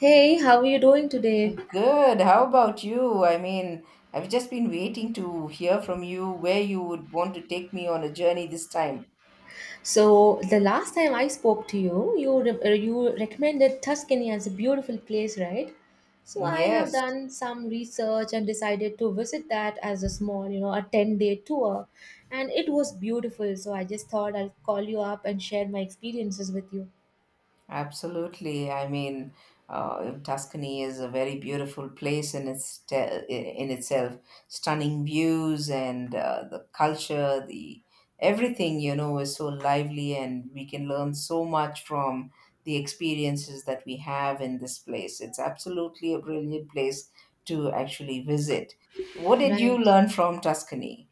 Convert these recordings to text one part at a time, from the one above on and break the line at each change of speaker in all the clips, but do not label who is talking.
Hey, how are you doing today?
Good. How about you? I mean, I've just been waiting to hear from you where you would want to take me on a journey this time.
So, the last time I spoke to you, you recommended Tuscany as a beautiful place, right? So, I have
Yes.
done some research and decided to visit that as a small, a 10-day tour, and it was beautiful. So, I just thought I'll call you up and share my experiences with you.
Absolutely. I mean, Tuscany is a very beautiful place in itself. Stunning views and the culture, the everything is so lively, and we can learn so much from the experiences that we have in this place. It's absolutely a brilliant place to actually visit. What did you
Right.
learn from Tuscany?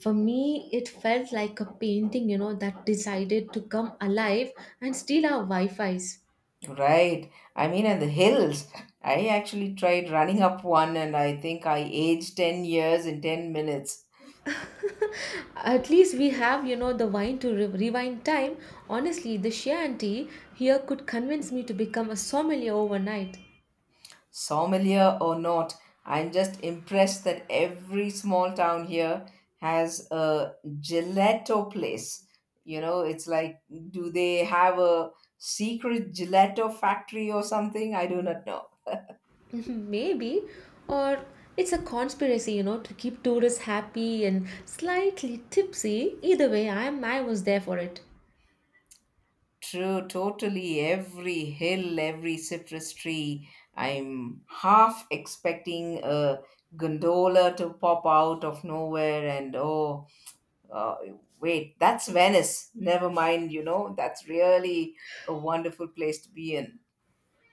For me, it felt like a painting, that decided to come alive and steal our Wi-Fis.
Right. I mean, and the hills. I actually tried running up one and I think I aged 10 years in 10 minutes.
At least we have, the wine to rewind time. Honestly, the sheer auntie here could convince me to become a sommelier overnight.
Sommelier or not, I'm just impressed that every small town here has a gelato place. It's like, do they have a secret gelato factory or something? I do not know.
Maybe. Or it's a conspiracy, to keep tourists happy and slightly tipsy. Either way, I was there for it.
True, totally. Every hill, every citrus tree. I'm half expecting a gondola to pop out of nowhere, and oh, uh, wait, that's Venice. Never mind, that's really a wonderful place to be in.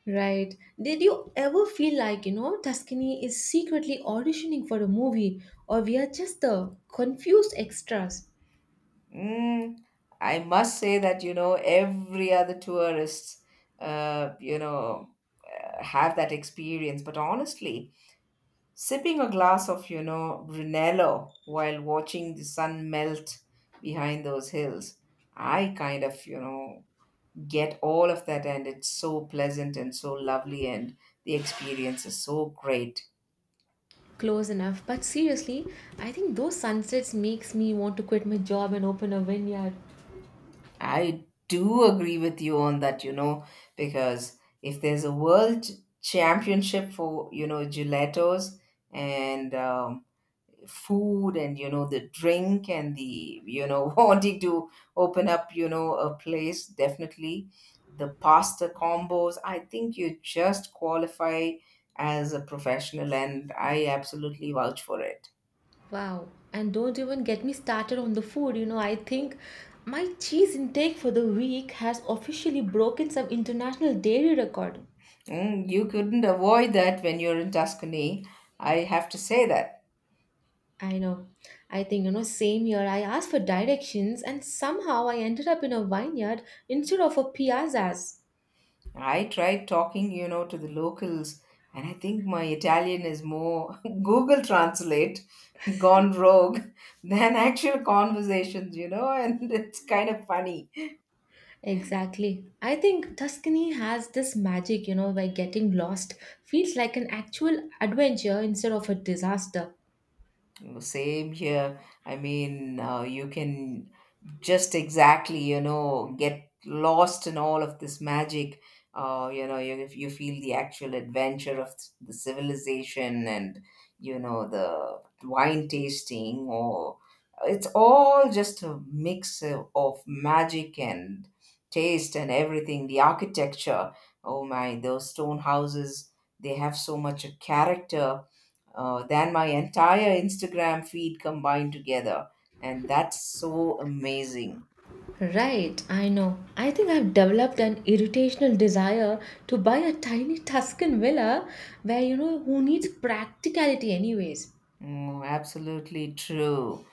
Right. Did you ever feel like, Tuscany is secretly auditioning for a movie or we are just the confused extras?
Mm, I must say that, every other tourists, uh, you know, have that experience. But honestly, sipping a glass of Brunello while watching the sun melt behind those hills, I kind of get all of that, and it's so pleasant and so lovely, and the experience is so great.
Close enough. But seriously, I think those sunsets makes me want to quit my job and open a vineyard.
I do agree with you on that, because if there's a world championship for, gelatos and food and the drink and the wanting to open up a place. Definitely, the pasta combos, I think, you just qualify as a professional, and I absolutely vouch for it.
Wow. And don't even get me started on the food. I think my cheese intake for the week has officially broken some international dairy record.
You couldn't avoid that when you're in Tuscany. I have to say that.
I know. I think, same year I asked for directions and somehow I ended up in a vineyard instead of a piazzas.
I tried talking to the locals, and I think my Italian is more Google Translate gone rogue than actual conversations and it's kind of funny.
Exactly. I think Tuscany has this magic, where getting lost feels like an actual adventure instead of a disaster.
Same here. I mean, you can just exactly get lost in all of this magic. If you feel the actual adventure of the civilization, and the wine tasting, or it's all just a mix of magic and taste and everything. The architecture, oh my, those stone houses, they have so much a character, than my entire Instagram feed combined together. And that's so amazing.
Right, I know. I think I've developed an irritational desire to buy a tiny Tuscan villa where, who needs practicality, anyways?
Mm, absolutely true.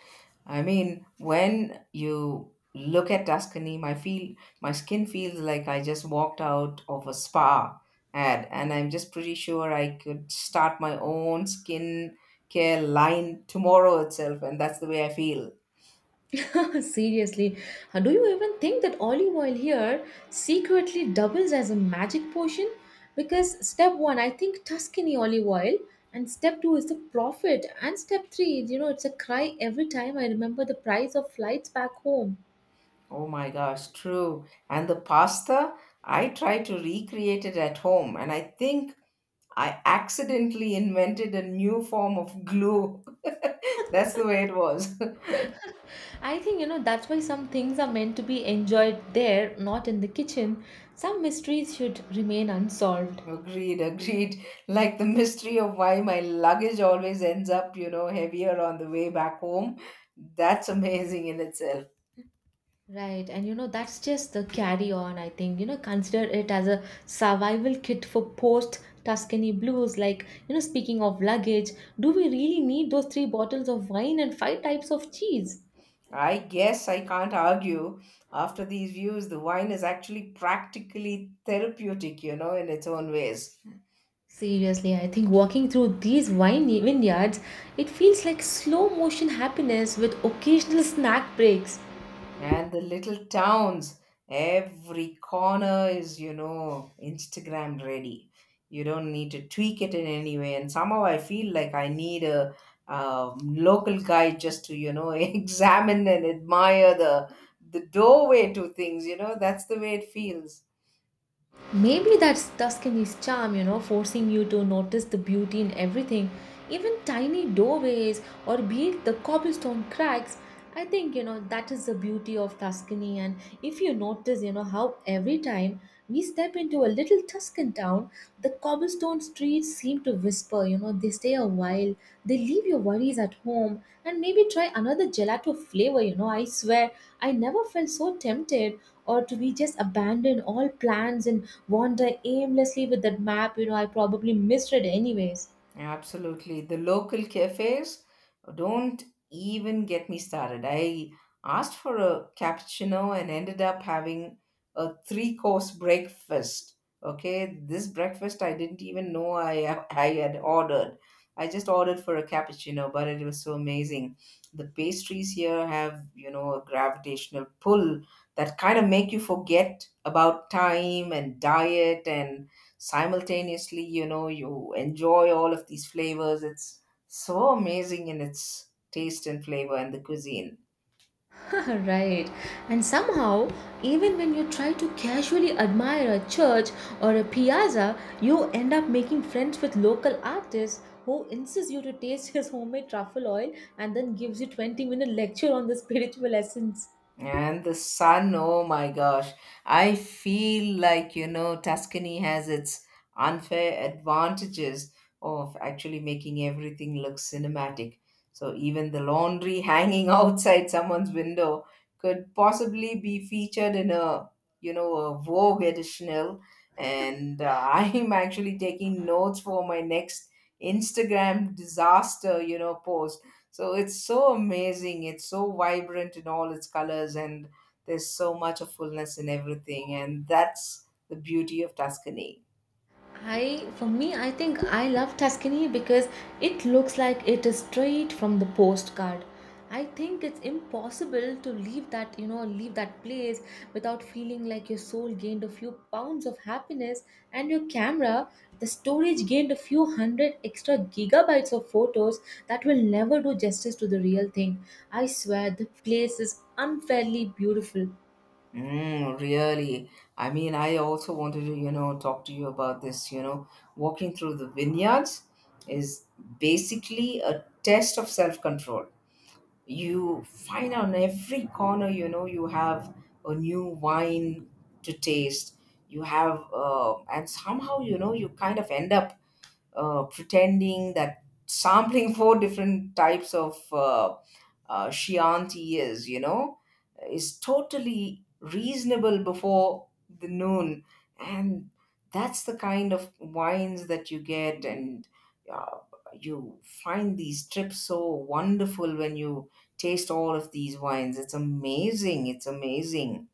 I mean, when you look at Tuscany, my skin feels like I just walked out of a spa ad, and I'm just pretty sure I could start my own skin care line tomorrow itself, and that's the way I feel.
Seriously, do you even think that olive oil here secretly doubles as a magic potion? Because step one, I think Tuscany olive oil, and step two is the profit, and step three, it's a cry every time I remember the price of flights back home.
Oh my gosh, true. And the pasta, I try to recreate it at home, and I think I accidentally invented a new form of glue. That's the way it was.
I think, that's why some things are meant to be enjoyed there, not in the kitchen. Some mysteries should remain unsolved.
Agreed, agreed. Like the mystery of why my luggage always ends up, heavier on the way back home. That's amazing in itself.
Right, and that's just the carry on, I think. Consider it as a survival kit for post Tuscany blues. Like, speaking of luggage, do we really need those three bottles of wine and five types of cheese?
I guess I can't argue. After these views, the wine is actually practically therapeutic, in its own ways.
Seriously, I think walking through these wine vineyards, it feels like slow motion happiness with occasional snack breaks.
And the little towns, every corner is, Instagram ready. You don't need to tweak it in any way. And somehow I feel like I need a, local guide just to, examine and admire the doorway to things. That's the way it feels.
Maybe that's Tuscany's charm, forcing you to notice the beauty in everything, even tiny doorways or be it the cobblestone cracks. I think, that is the beauty of Tuscany. And if you notice, how every time we step into a little Tuscan town, the cobblestone streets seem to whisper, they stay a while, they leave your worries at home, and maybe try another gelato flavor. I swear, I never felt so tempted or to be just abandon all plans and wander aimlessly with that map, I probably misread anyways.
Yeah, absolutely. The local cafes don't even get me started. I asked for a cappuccino and ended up having a three course breakfast. Okay, this breakfast I didn't even know I had ordered. I just ordered for a cappuccino, but it was so amazing. The pastries here have, a gravitational pull that kind of make you forget about time and diet, and simultaneously you enjoy all of these flavors. It's so amazing in its taste and flavor and the cuisine.
Right. And somehow, even when you try to casually admire a church or a piazza, you end up making friends with local artists who insists you to taste his homemade truffle oil and then gives you 20-minute lecture on the spiritual essence.
And the sun, oh my gosh. I feel like, Tuscany has its unfair advantages of actually making everything look cinematic. So even the laundry hanging outside someone's window could possibly be featured in a Vogue editional. And I'm actually taking notes for my next Instagram disaster, post. So it's so amazing. It's so vibrant in all its colors, and there's so much of fullness in everything. And that's the beauty of Tuscany.
I for me, I think I love Tuscany because it looks like it is straight from the postcard. I think it's impossible to leave that place without feeling like your soul gained a few pounds of happiness and your camera, the storage gained a few hundred extra gigabytes of photos that will never do justice to the real thing. I swear the place is unfairly beautiful.
Mm, really. I mean, I also wanted to, talk to you about this. Walking through the vineyards is basically a test of self control. You find on every corner, you have a new wine to taste. And somehow, you kind of end up pretending that sampling four different types of Chianti is totally reasonable before the noon. And that's the kind of wines that you get. And uh, you find these trips so wonderful when you taste all of these wines. It's amazing. It's amazing.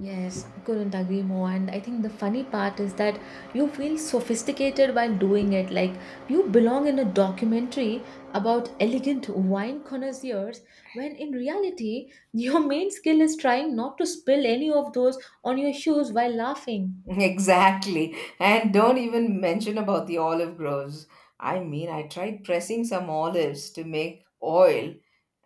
Yes, I couldn't agree more. And I think the funny part is that you feel sophisticated while doing it. Like you belong in a documentary about elegant wine connoisseurs, when in reality, your main skill is trying not to spill any of those on your shoes while laughing.
Exactly. And don't even mention about the olive groves. I mean, I tried pressing some olives to make oil,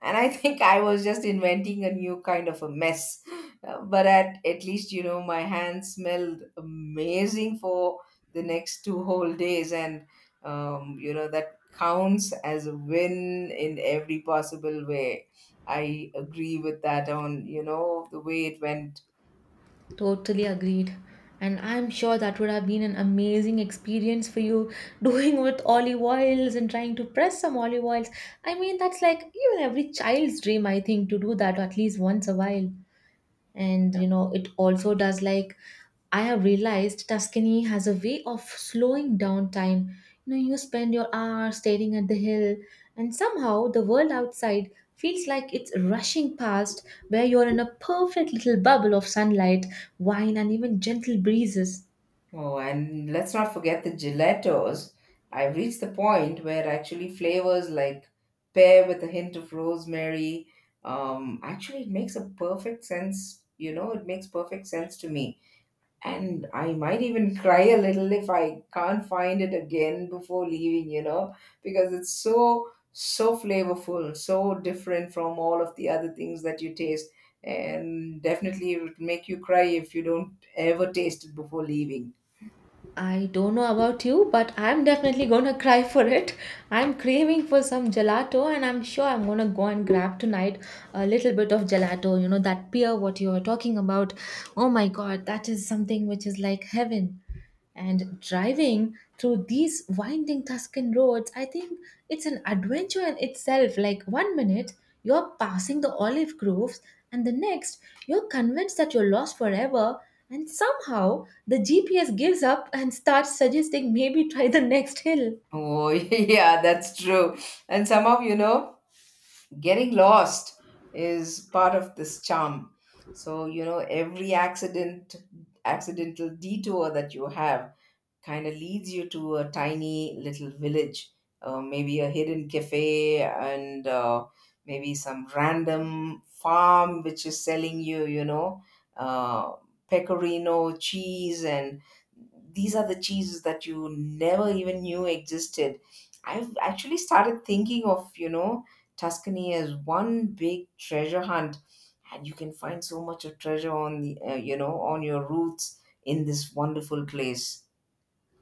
and I think I was just inventing a new kind of a mess. But at least, my hands smelled amazing for the next two whole days, and that counts as a win in every possible way. I agree with that on, the way it went.
Totally agreed. And I'm sure that would have been an amazing experience for you doing with olive oils and trying to press some olive oils. I mean, that's like even every child's dream, I think, to do that at least once a while. And it also does. Like, I have realized Tuscany has a way of slowing down time. You spend your hour staring at the hill, and somehow the world outside feels like it's rushing past, where you're in a perfect little bubble of sunlight, wine, and even gentle breezes.
Oh, and let's not forget the gelatos. I've reached the point where actually flavors like pear with a hint of rosemary, actually it makes a perfect sense. It makes perfect sense to me. And I might even cry a little if I can't find it again before leaving, because it's so, so flavorful, so different from all of the other things that you taste. And definitely it would make you cry if you don't ever taste it before leaving.
I don't know about you, but I'm definitely gonna cry for it. I'm craving for some gelato, and I'm sure I'm gonna go and grab tonight a little bit of gelato. That beer what you were talking about. Oh my god, that is something which is like heaven. And driving through these winding Tuscan roads, I think it's an adventure in itself. Like one minute you're passing the olive groves, and the next, you're convinced that you're lost forever, and somehow the GPS gives up and starts suggesting maybe try the next hill.
Oh, yeah, that's true. And somehow, getting lost is part of this charm. So, every accidental detour that you have kind of leads you to a tiny little village, maybe a hidden cafe, and maybe some random farm which is selling you, uh, pecorino cheese, and these are the cheeses that you never even knew existed. I've actually started thinking of, Tuscany as one big treasure hunt, and you can find so much of treasure on your routes in this wonderful place.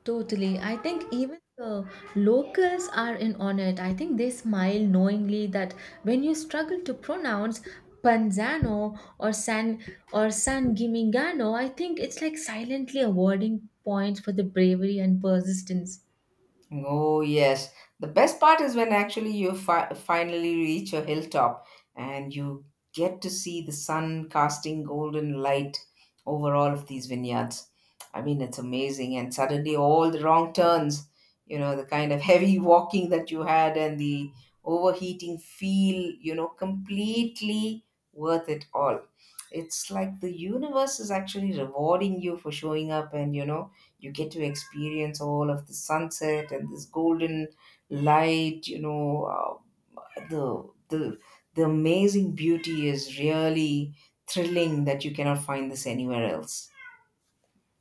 Totally. I think even the locals are in on it. I think they smile knowingly that when you struggle to pronounce Panzano or San Gimignano, I think it's like silently awarding points for the bravery and persistence.
Oh, yes. The best part is when actually you finally reach a hilltop and you get to see the sun casting golden light over all of these vineyards. I mean, it's amazing. And suddenly, all the wrong turns, the kind of heavy walking that you had and the overheating feel, completely worth it all. It's like the universe is actually rewarding you for showing up, and you get to experience all of the sunset and this golden light. You know uh, the the the amazing beauty is really thrilling that you cannot find this anywhere else.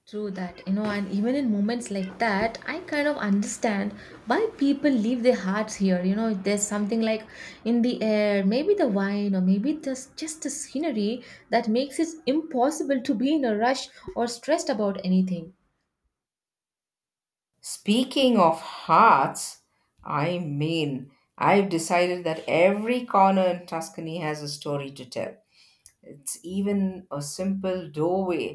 True that, and even in moments like that, I kind of understand why people leave their hearts here. There's something like in the air, maybe the wine, or maybe just the scenery that makes it impossible to be in a rush or stressed about anything.
Speaking of hearts, I mean, I've decided that every corner in Tuscany has a story to tell. It's even a simple doorway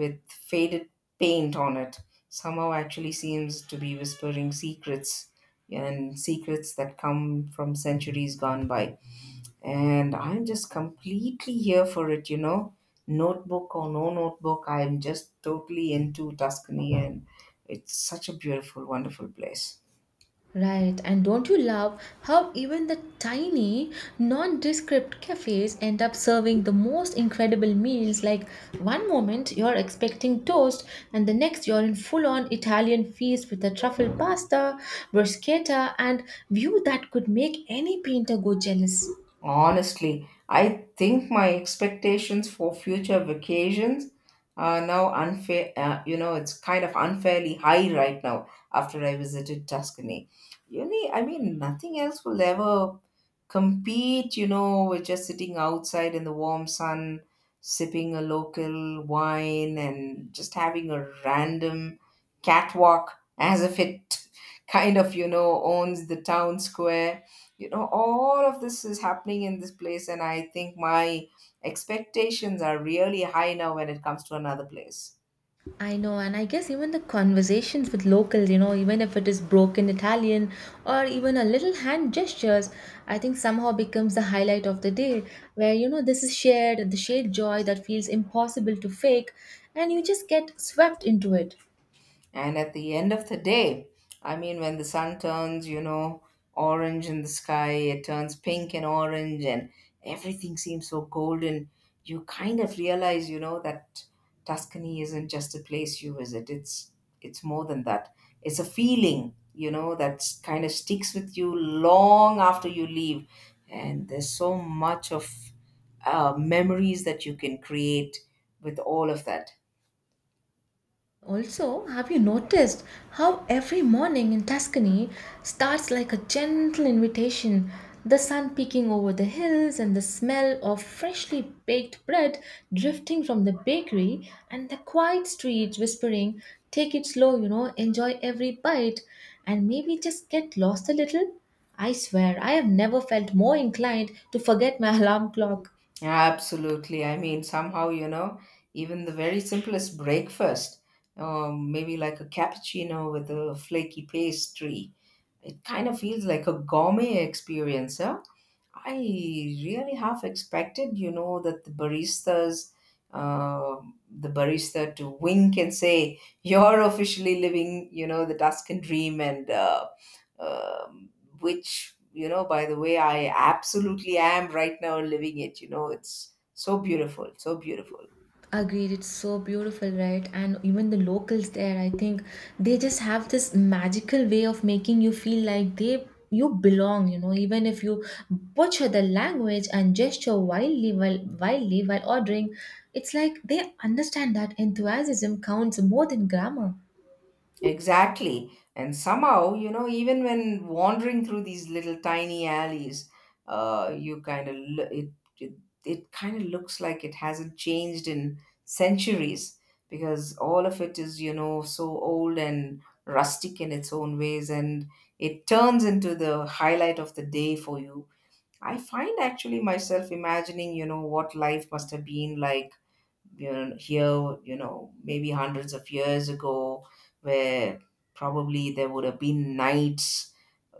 with faded paint on it, somehow actually seems to be whispering secrets, and secrets that come from centuries gone by. And I'm just completely here for it. Notebook or no notebook, I'm just totally into Tuscany, and it's such a beautiful, wonderful place.
Right, and don't you love how even the tiny, nondescript cafes end up serving the most incredible meals? Like one moment you're expecting toast, and the next you're in full on Italian feast with a truffle pasta, bruschetta, and view that could make any painter go jealous.
Honestly, I think my expectations for future vacations are now unfair. It's kind of unfairly high right now after I visited Tuscany. Really, I mean, nothing else will ever compete, with just sitting outside in the warm sun, sipping a local wine, and just having a random catwalk as if it kind of, owns the town square. All of this is happening in this place, and I think my expectations are really high now when it comes to another place.
I know, and I guess even the conversations with locals, even if it is broken Italian or even a little hand gestures, I think somehow becomes the highlight of the day where, this is shared, the shared joy that feels impossible to fake, and you just get swept into it.
And at the end of the day, I mean, when the sun turns, orange in the sky, it turns pink and orange, and everything seems so golden. You kind of realize, that Tuscany isn't just a place you visit. It's more than that. It's a feeling, that kind of sticks with you long after you leave. And there's so much of memories that you can create with all of that.
Also, have you noticed how every morning in Tuscany starts like a gentle invitation? The sun peeking over the hills and the smell of freshly baked bread drifting from the bakery and the quiet streets whispering, Take it slow, enjoy every bite and maybe just get lost a little. I swear, I have never felt more inclined to forget my alarm clock.
Yeah, absolutely. I mean, somehow, even the very simplest breakfast, maybe like a cappuccino with a flaky pastry, it kind of feels like a gourmet experience. Huh? I really half expected, you know, that the barista to wink and say, "You're officially living, you know, the Tuscan dream," and um, which, you know, by the way, I absolutely am right now living it. You know, it's so beautiful, so beautiful.
Agreed, it's so beautiful, right? And even the locals there, I think they just have this magical way of making you feel like they you belong, even if you butcher the language and gesture wildly while ordering, it's like they understand that enthusiasm counts more than grammar.
Exactly. And somehow, you know, even when wandering through these little tiny alleys, you kind of it, it kind of looks like it hasn't changed in centuries, because all of it is, you know, so old and rustic in its own ways, and it turns into the highlight of the day for you. I find actually myself imagining, you know, what life must have been like, you know, here, you know, maybe hundreds of years ago, where probably there would have been knights,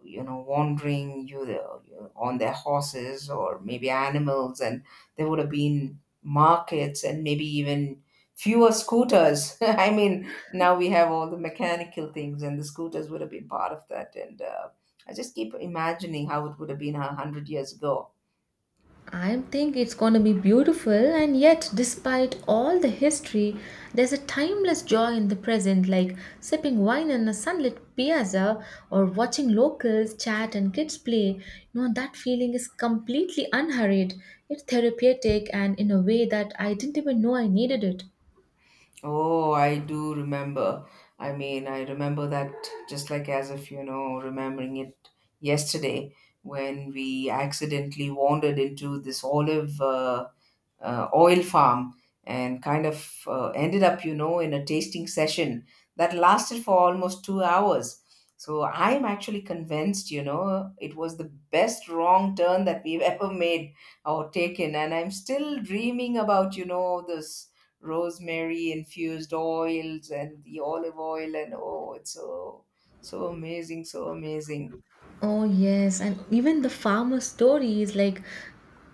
you know, wandering you know, on their horses or maybe animals, and there would have been markets and maybe even fewer scooters. I mean, now we have all the mechanical things, and the scooters would have been part of that. And I just keep imagining how it would have been a hundred years ago.
I think it's going to be beautiful, and yet, despite all the history, there's a timeless joy in the present, like sipping wine on a sunlit piazza or watching locals chat and kids play. That feeling is completely unhurried. It's therapeutic, and in a way that I didn't even know I needed it.
Oh, I do remember. I mean, I remember that just like as if, you know, remembering it yesterday, when we accidentally wandered into this olive oil farm and kind of ended up, you know, in a tasting session that lasted for almost 2 hours. So I'm actually convinced, you know, it was the best wrong turn that we've ever made or taken. And I'm still dreaming about, you know, this rosemary infused oils and the olive oil. And oh, it's so, so amazing, so amazing.
Oh, yes, and even the farmer stories, like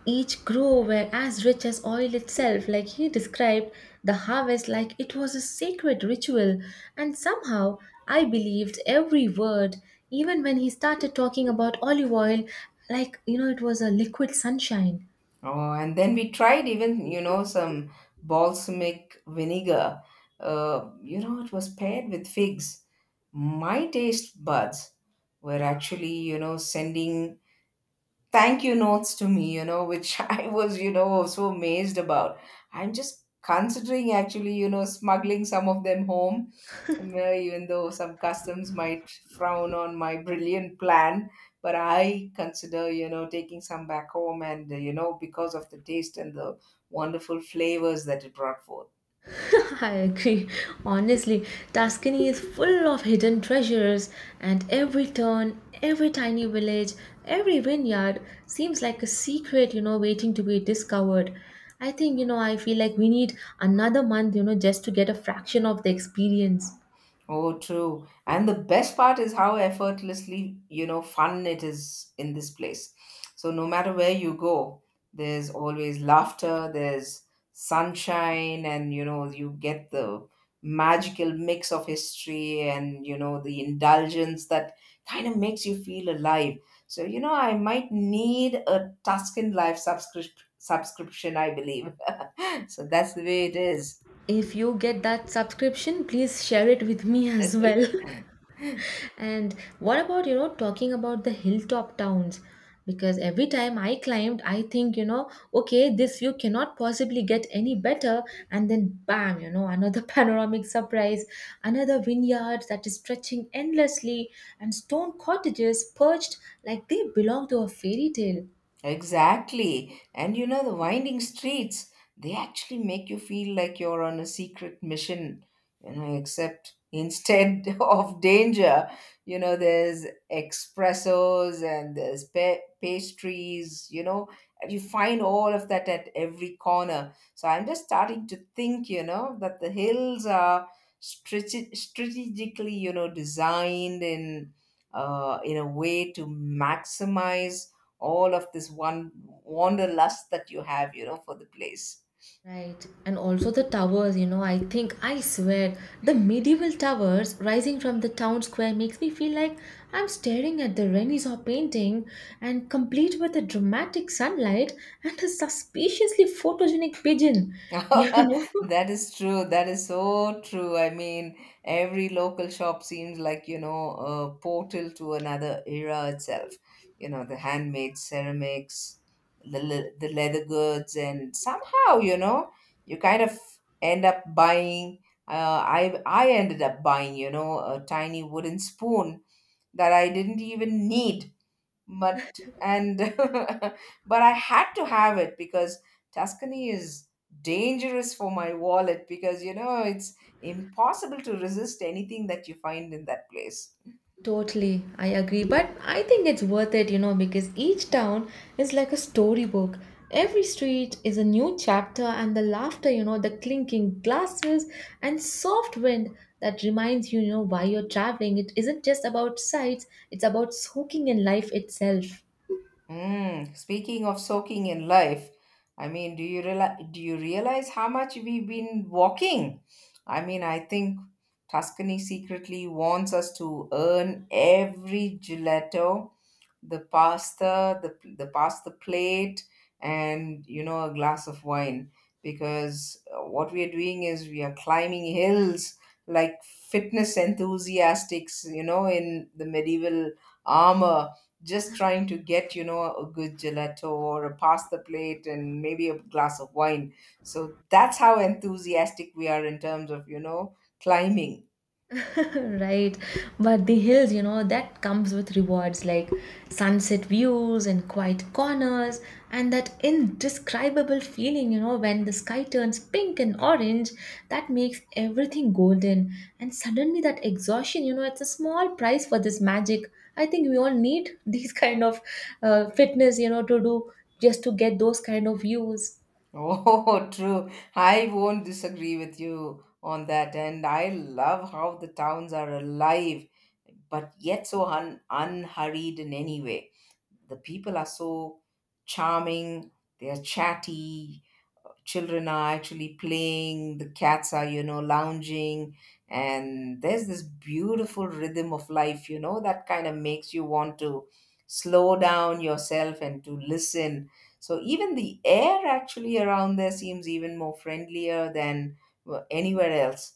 each grow were as rich as oil itself. Like he described the harvest like it was a sacred ritual, and somehow I believed every word, even when he started talking about olive oil, like it was a liquid sunshine.
Oh, and then we tried even, you know, some balsamic vinegar. You know, it was paired with figs. My taste buds were actually, you know, sending thank you notes to me, you know, which I was, you know, so amazed about. I'm just considering actually, you know, smuggling some of them home, even though some customs might frown on my brilliant plan. But I consider, you know, taking some back home and, you know, because of the taste and the wonderful flavors that it brought forth.
I agree. Honestly, Tuscany is full of hidden treasures, and every turn, every tiny village, every vineyard seems like a secret, waiting to be discovered. I think, I feel like we need another month, just to get a fraction of the experience.
Oh, true. And the best part is how effortlessly, you know, fun it is in this place. So no matter where you go, there's always laughter, there's sunshine, and, you know, you get the magical mix of history and, you know, the indulgence that kind of makes you feel alive. So, you know, I might need a Tuscan Life subscription, I believe. So that's the way it is.
If you get that subscription, please share it with me as well. And what about, talking about the hilltop towns? Because every time I climbed, I think, okay, this view cannot possibly get any better. And then bam, another panoramic surprise, another vineyard that is stretching endlessly, and stone cottages perched like they belong to a fairy tale.
Exactly. And, you know, the winding streets, they actually make you feel like you're on a secret mission, you know, except instead of danger, you know, there's espressos and there's pastries, you know, and you find all of that at every corner. So I'm just starting to think, you know, that the hills are strategically, you know, designed in a way to maximize all of this one wanderlust that you have, you know, for the place.
Right, and also the towers, I think, I swear, the medieval towers rising from the town square makes me feel like I'm staring at the Renaissance painting and complete with a dramatic sunlight and a suspiciously photogenic pigeon, you know.
That is true. That is so true. I mean, every local shop seems like, you know, a portal to another era itself. You know, the handmade ceramics, the leather goods, and somehow, you know, you kind of end up buying. I ended up buying, you know, a tiny wooden spoon that I didn't even need, but and but I had to have it, because Tuscany is dangerous for my wallet, because, you know, it's impossible to resist anything that you find in that place.
Totally, I agree. But I think it's worth it, because each town is like a storybook. Every street is a new chapter, and the laughter, the clinking glasses and soft wind that reminds you, why you're traveling. It isn't just about sights, it's about soaking in life itself.
Mm, speaking of soaking in life, I mean, do you realize how much we've been walking? I mean, I think Tuscany secretly wants us to earn every gelato, the pasta, the pasta plate, and, you know, a glass of wine. Because, what we are doing is we are climbing hills like fitness enthusiasts, you know, in the medieval armor, just trying to get, you know, a good gelato or a pasta plate and maybe a glass of wine. So that's how enthusiastic we are in terms of, you know, climbing.
Right, but the hills, that comes with rewards like sunset views and quiet corners, and that indescribable feeling, when the sky turns pink and orange that makes everything golden. And suddenly that exhaustion, it's a small price for this magic. I think we all need these kind of fitness, to do just to get those kind of views.
Oh, true. I won't disagree with you on that. And I love how the towns are alive, but yet so unhurried in any way. The people are so charming, they are chatty, children are actually playing, the cats are, you know, lounging, and there's this beautiful rhythm of life, you know, that kind of makes you want to slow down yourself and to listen. So even the air actually around there seems even more friendlier than anywhere else.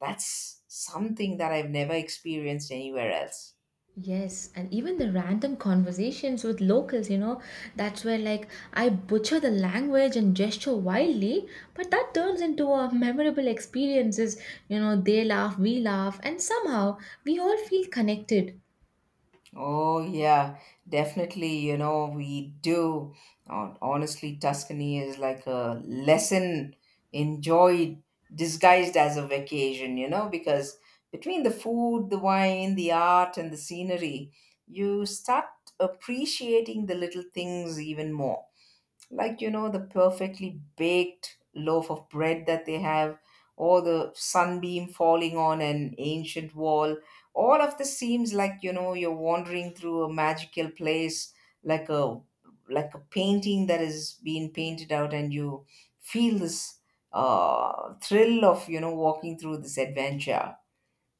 That's something that I've never experienced anywhere else.
Yes, and even the random conversations with locals, that's where like I butcher the language and gesture wildly, but that turns into a memorable experiences. They laugh, we laugh, and somehow we all feel connected.
Oh, yeah, definitely. You know, we do. Honestly, Tuscany is like a lesson enjoyed, disguised as a vacation, you know, because between the food, the wine, the art, and the scenery, you start appreciating the little things even more. Like, you know, the perfectly baked loaf of bread that they have, or the sunbeam falling on an ancient wall. All of this seems like, you know, you're wandering through a magical place, like a like a painting that is being painted out, and you feel this, thrill of, you know, walking through this adventure.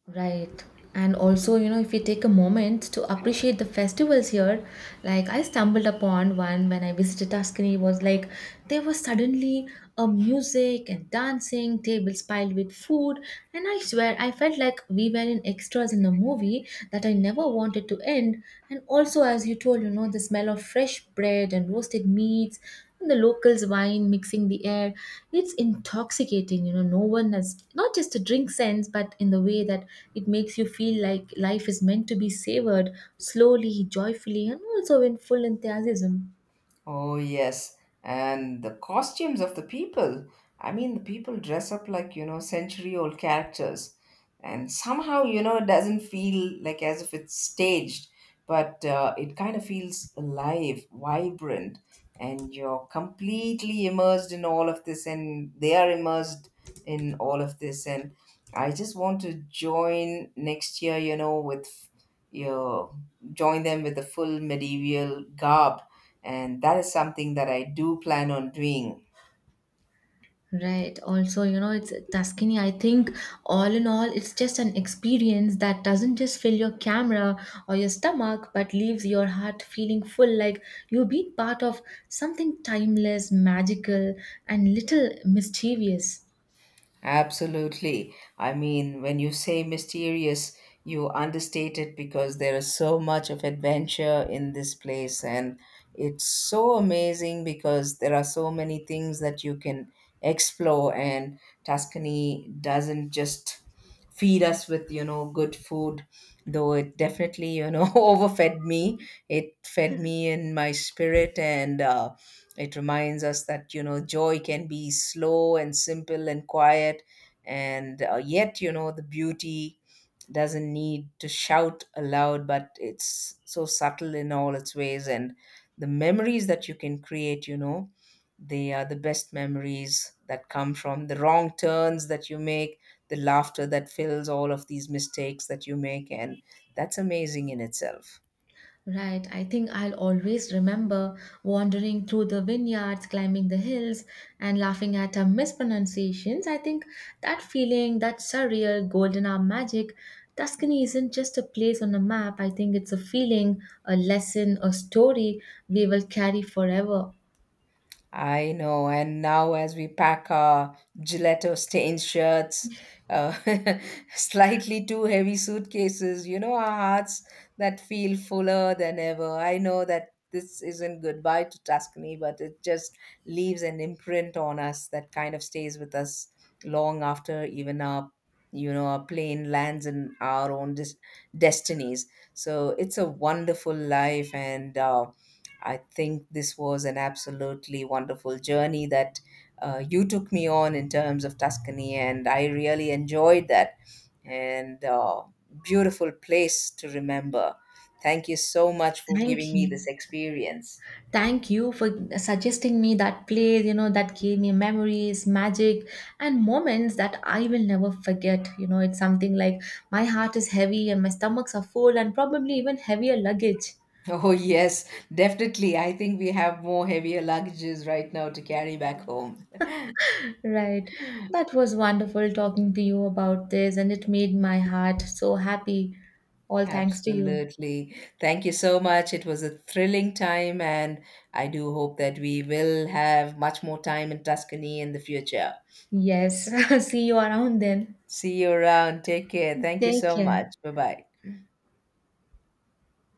Right. And also, if you take a moment to appreciate the festivals here, like I stumbled upon one when I visited Tuscany, was like there was suddenly a music and dancing, tables piled with food, and I swear I felt like we were in extras in a movie that I never wanted to end. And also, as you told, the smell of fresh bread and roasted meats, the locals wine mixing the air, it's intoxicating. No one has not just a drink sense, but in the way that it makes you feel like life is meant to be savored slowly, joyfully, and also in full enthusiasm.
Oh, yes. And the costumes of the people. I mean, the people dress up like, you know, century old characters. And somehow, you know, it doesn't feel like as if it's staged, but, it kind of feels alive, vibrant, and you're completely immersed in all of this, and they are immersed in all of this. And I just want to join next year, you know, with, you know, join them with the full medieval garb, and that is something that I do plan on doing.
Right. Also, It's Tuscany, I think. All in all, it's just an experience that doesn't just fill your camera or your stomach, but leaves your heart feeling full, like you've been part of something timeless, magical, and little mischievous.
Absolutely. I mean, when you say mysterious, you understate it, because there is so much of adventure in this place, and it's so amazing because there are so many things that you can explore, and Tuscany doesn't just feed us with, you know, good food. Though it definitely, you know, overfed me. It fed me in my spirit, and it reminds us that, you know, joy can be slow and simple and quiet, and, yet, you know, the beauty doesn't need to shout aloud, but it's so subtle in all its ways. And the memories that you can create, you know, they are the best memories that come from the wrong turns that you make, the laughter that fills all of these mistakes that you make, and that's amazing in itself.
Right, I think I'll always remember wandering through the vineyards, climbing the hills, and laughing at our mispronunciations. I think that feeling, that surreal golden hour magic, Tuscany isn't just a place on a map. I think it's a feeling, a lesson, a story we will carry forever.
I know. And now, as we pack our gelato stained shirts, uh, slightly too heavy suitcases, you know, our hearts that feel fuller than ever. I know that this isn't goodbye to Tuscany, but it just leaves an imprint on us that kind of stays with us long after even our, you know, our plane lands in our own destinies. So it's a wonderful life, and I think this was an absolutely wonderful journey that, you took me on in terms of Tuscany, and I really enjoyed that. And Beautiful place to remember. Thank you so much for giving
Thank
me this
you.
experience.
Thank you for suggesting me that place, that gave me memories, magic, and moments that I will never forget. It's something like my heart is heavy and my stomachs are full, and probably even heavier luggage.
Oh, yes, definitely. I think we have more heavier luggages right now to carry back home.
Right. That was wonderful talking to you about this, and it made my heart so happy. All thanks to you.
Absolutely. Thank you so much. It was a thrilling time, and I do hope that we will have much more time in Tuscany in the future.
Yes. See you around then.
See you around. Take care. Thank you
Take
so
care.
much. Bye bye.